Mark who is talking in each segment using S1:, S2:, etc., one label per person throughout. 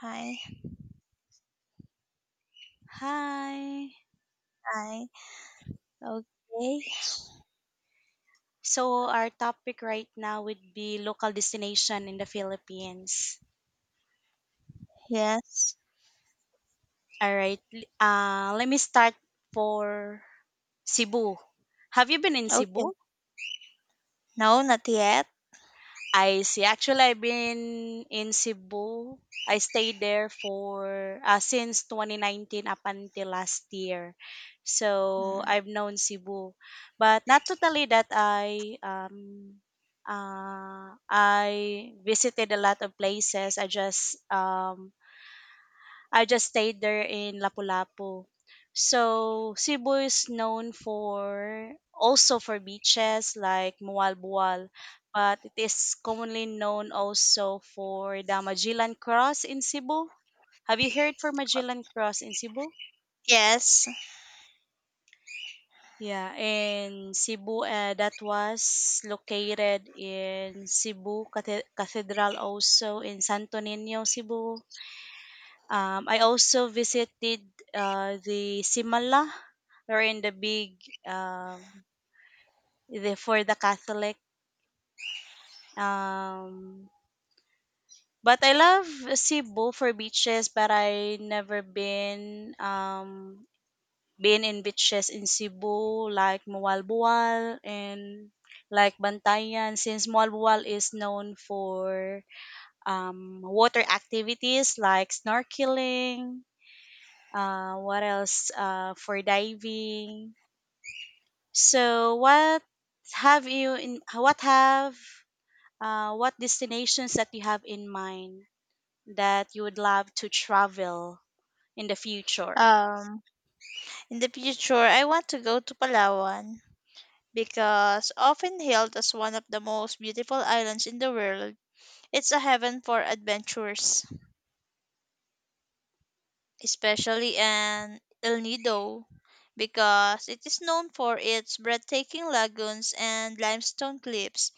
S1: Hi,
S2: Hi.
S1: hi. Okay.
S2: So our topic right now would be local destination in the Philippines.
S1: Yes.
S2: All right. Let me start for Cebu. Have you been in
S1: Okay.
S2: Cebu?
S1: No, not yet.
S2: I see. Actually, I've been in Cebu. I stayed there for since 2019 up until last year. So
S1: Mm.
S2: I've known Cebu, but not totally that I visited a lot of places. I just stayed there in Lapu-Lapu. So Cebu is known for, also, for beaches like Mualbual, but it is commonly known also for the Magellan Cross in Cebu. Have you heard for Magellan Cross in Cebu?
S1: Yes.
S2: Yeah, in Cebu, that was located in Cebu Cathedral, also in Santo Niño, Cebu. I also visited the Simala, wherein the big, um the, for the Catholic. Um but I love Cebu for beaches, but I never been in beaches in Cebu like Mualbual and like Bantayan, since Mualbual is known for water activities like snorkeling, what else, for diving. So have you in what have what destinations that you have in mind that you would love to travel in the future?
S1: Um, in the future, I want to go to Palawan because often hailed as one of the most beautiful islands in the world, it's a heaven for adventurers, especially in El Nido, because it is known for its breathtaking lagoons and limestone cliffs.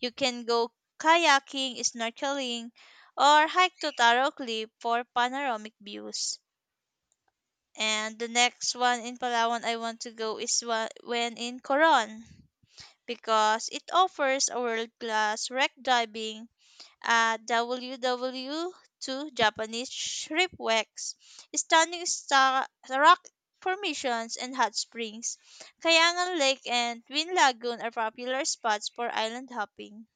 S1: You can go kayaking, snorkeling, or hike to Taro Cliff for panoramic views. And the next one in Palawan I want to go is when in Coron, because it offers a world-class wreck diving at WWII Japanese shipwrecks, stunning rock formations, and hot springs. Kayangan Lake and Twin Lagoon are popular spots for island hopping.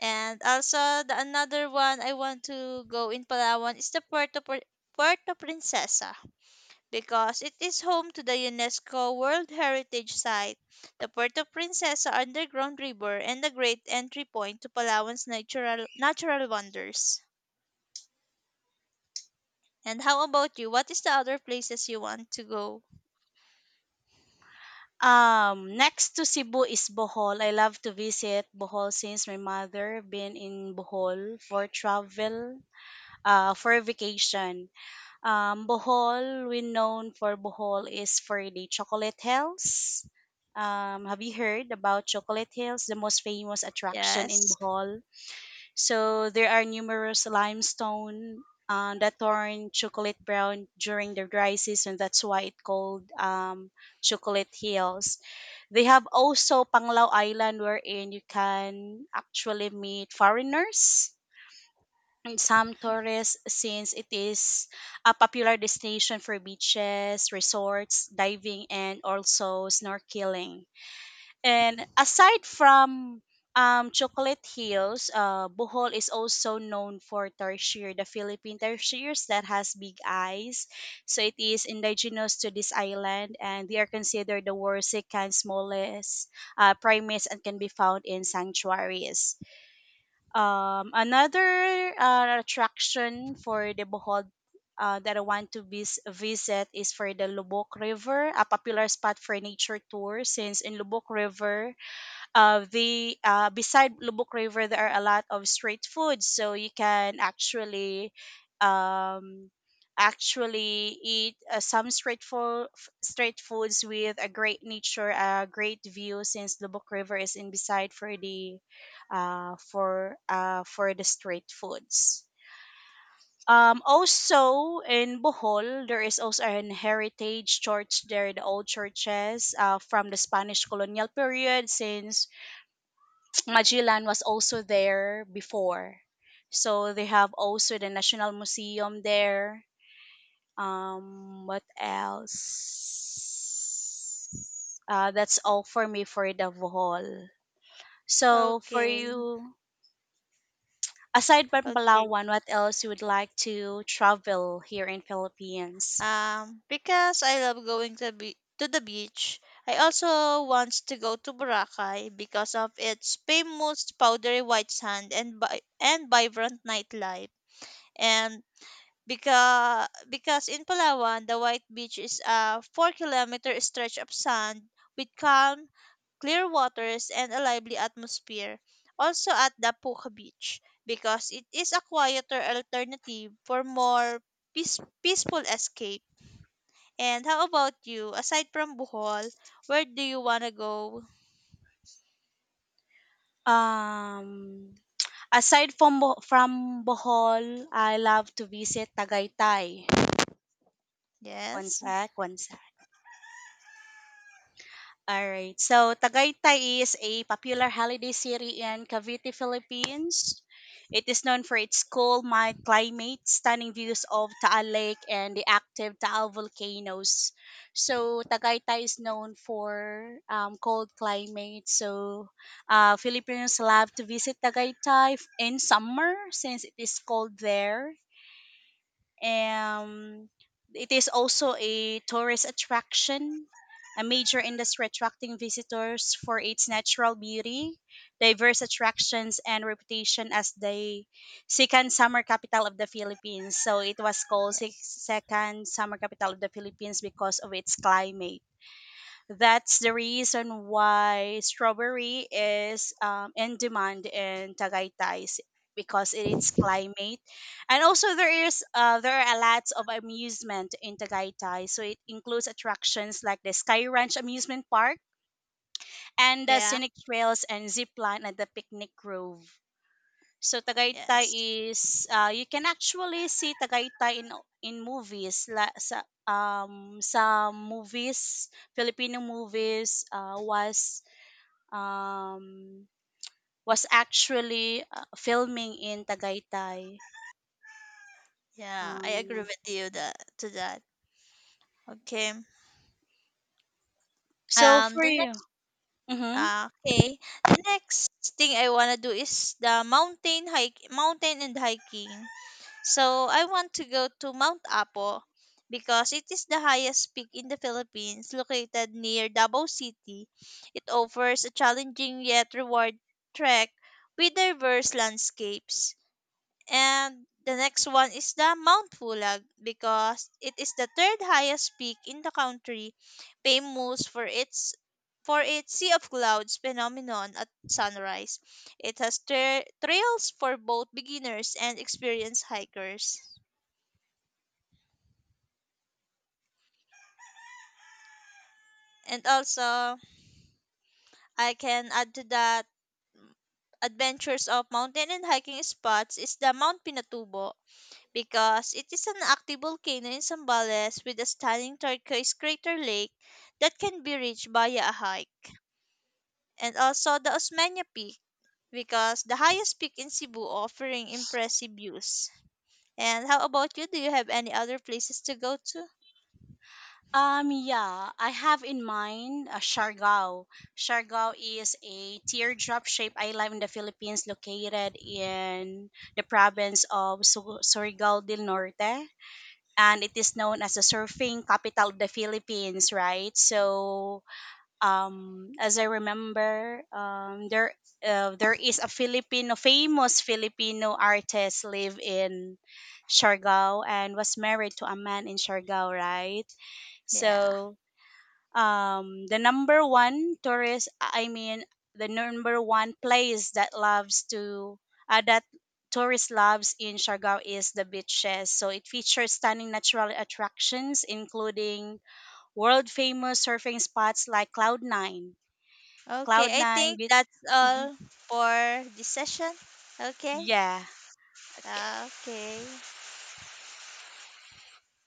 S1: And also the another one I want to go in Palawan is the Puerto Princesa, because it is home to the UNESCO World Heritage Site, the Puerto Princesa Underground River, and a great entry point to Palawan's natural wonders. And how about you? What is the other places you want to go?
S2: Next to Cebu is Bohol. I love to visit Bohol since my mother been in Bohol for travel, for vacation. Bohol, we known for Bohol is for the chocolate hills. Have you heard about Chocolate Hills, the most famous attraction in
S1: Yes.
S2: Bohol? So there are numerous limestone, that turn chocolate brown during the dry season. That's why it called, chocolate hills. They have also Panglao Island, wherein you can actually meet foreigners and some tourists since it is a popular destination for beaches, resorts, diving, and also snorkeling. And aside from, Chocolate Hills, Bohol is also known for tarsier, the Philippine tarsiers that has big eyes. So it is indigenous to this island, and they are considered the Warsican smallest primates and can be found in sanctuaries. Another attraction for the Bohol that I want to visit is for the Lubok River, a popular spot for nature tours. Since in Lubok River, the beside Lubuk River, there are a lot of street foods, so you can actually, um, actually eat some street foods with a great nature, a great view, since Lubuk River is in beside for the, for the street foods. Also in Bohol, there is also an heritage church there, the old churches, from the Spanish colonial period, since Magellan was also there before. So they have also the National Museum there. What else? That's all for me for the Bohol. So for
S1: Okay.
S2: you, aside from
S1: Okay.
S2: Palawan, what else you would like to travel here in Philippines?
S1: Because I love going to be to the beach, I also want to go to Boracay because of its famous powdery white sand and and vibrant nightlife. And because in Palawan, the White Beach is a 4-kilometer stretch of sand with calm, clear waters and a lively atmosphere. Also at the Puka Beach, because it is a quieter alternative for more peaceful escape. And how about you? Aside from Bohol, where do you want to go?
S2: Um, Aside from Bohol, I love to visit Tagaytay. One
S1: Yes.
S2: sec, one sec. Alright. So Tagaytay is a popular holiday city in Cavite, Philippines. It is known for its cool, mild climate, stunning views of Taal Lake, and the active Taal volcanoes. So Tagaytay is known for, cold climate. So Filipinos love to visit in summer since it is cold there. Um, it is also a tourist attraction, a major industry attracting visitors for its natural beauty, diverse attractions, and reputation as the second summer capital of the Philippines. So it was called second summer capital of the Philippines because of its climate. That's the reason why strawberry is, in demand in Tagaytay because it's climate, and also there are a lots of amusement in Tagaytay. So it includes attractions like the Sky Ranch amusement park and the
S1: Yeah.
S2: scenic trails and zip line at the picnic grove. So Tagaytay
S1: Yes.
S2: is, you can actually see Tagaytay in movies la, sa, some movies, Filipino movies, um was actually, filming in Tagaytay.
S1: Yeah, I agree
S2: Um,
S1: with you that to that. Okay.
S2: so for
S1: The
S2: you,
S1: next
S2: mhm.
S1: Ah, okay. The next thing I want to do is the mountain and hiking. So I want to go to Mount Apo because it is the highest peak in the Philippines, located near Davao City. It offers a challenging yet reward trek with diverse landscapes. And the next one is the Mount Pulag because it is the third highest peak in the country, famous for its sea of clouds phenomenon at sunrise. It has trails for both beginners and experienced hikers. And also, I can add to that adventures of mountain and hiking spots is the Mount Pinatubo because it is an active volcano in Zambales with a stunning turquoise crater lake that can be reached via a hike, and also the Osmeña Peak because the highest peak in Cebu offering impressive views. And how about you? Do you have any other places to go to?
S2: Yeah, I have in mind, Siargao. Siargao is a teardrop-shaped island in the Philippines located in the province of Surigao del Norte. And it is known as the surfing capital of the Philippines, right? So, as I remember, there, there is a Filipino famous Filipino artist live in Siargao and was married to a man in Siargao, right?
S1: Yeah.
S2: So, um the number one tourist i mean the number one place that loves to that tourist loves in Siargao is the beaches. So it features stunning natural attractions including world famous surfing spots like Cloud 9, Cloud
S1: Okay, I
S2: 9
S1: think
S2: with
S1: that's
S2: mhm.
S1: all for this session. Okay.
S2: Yeah, okay.
S1: Okay.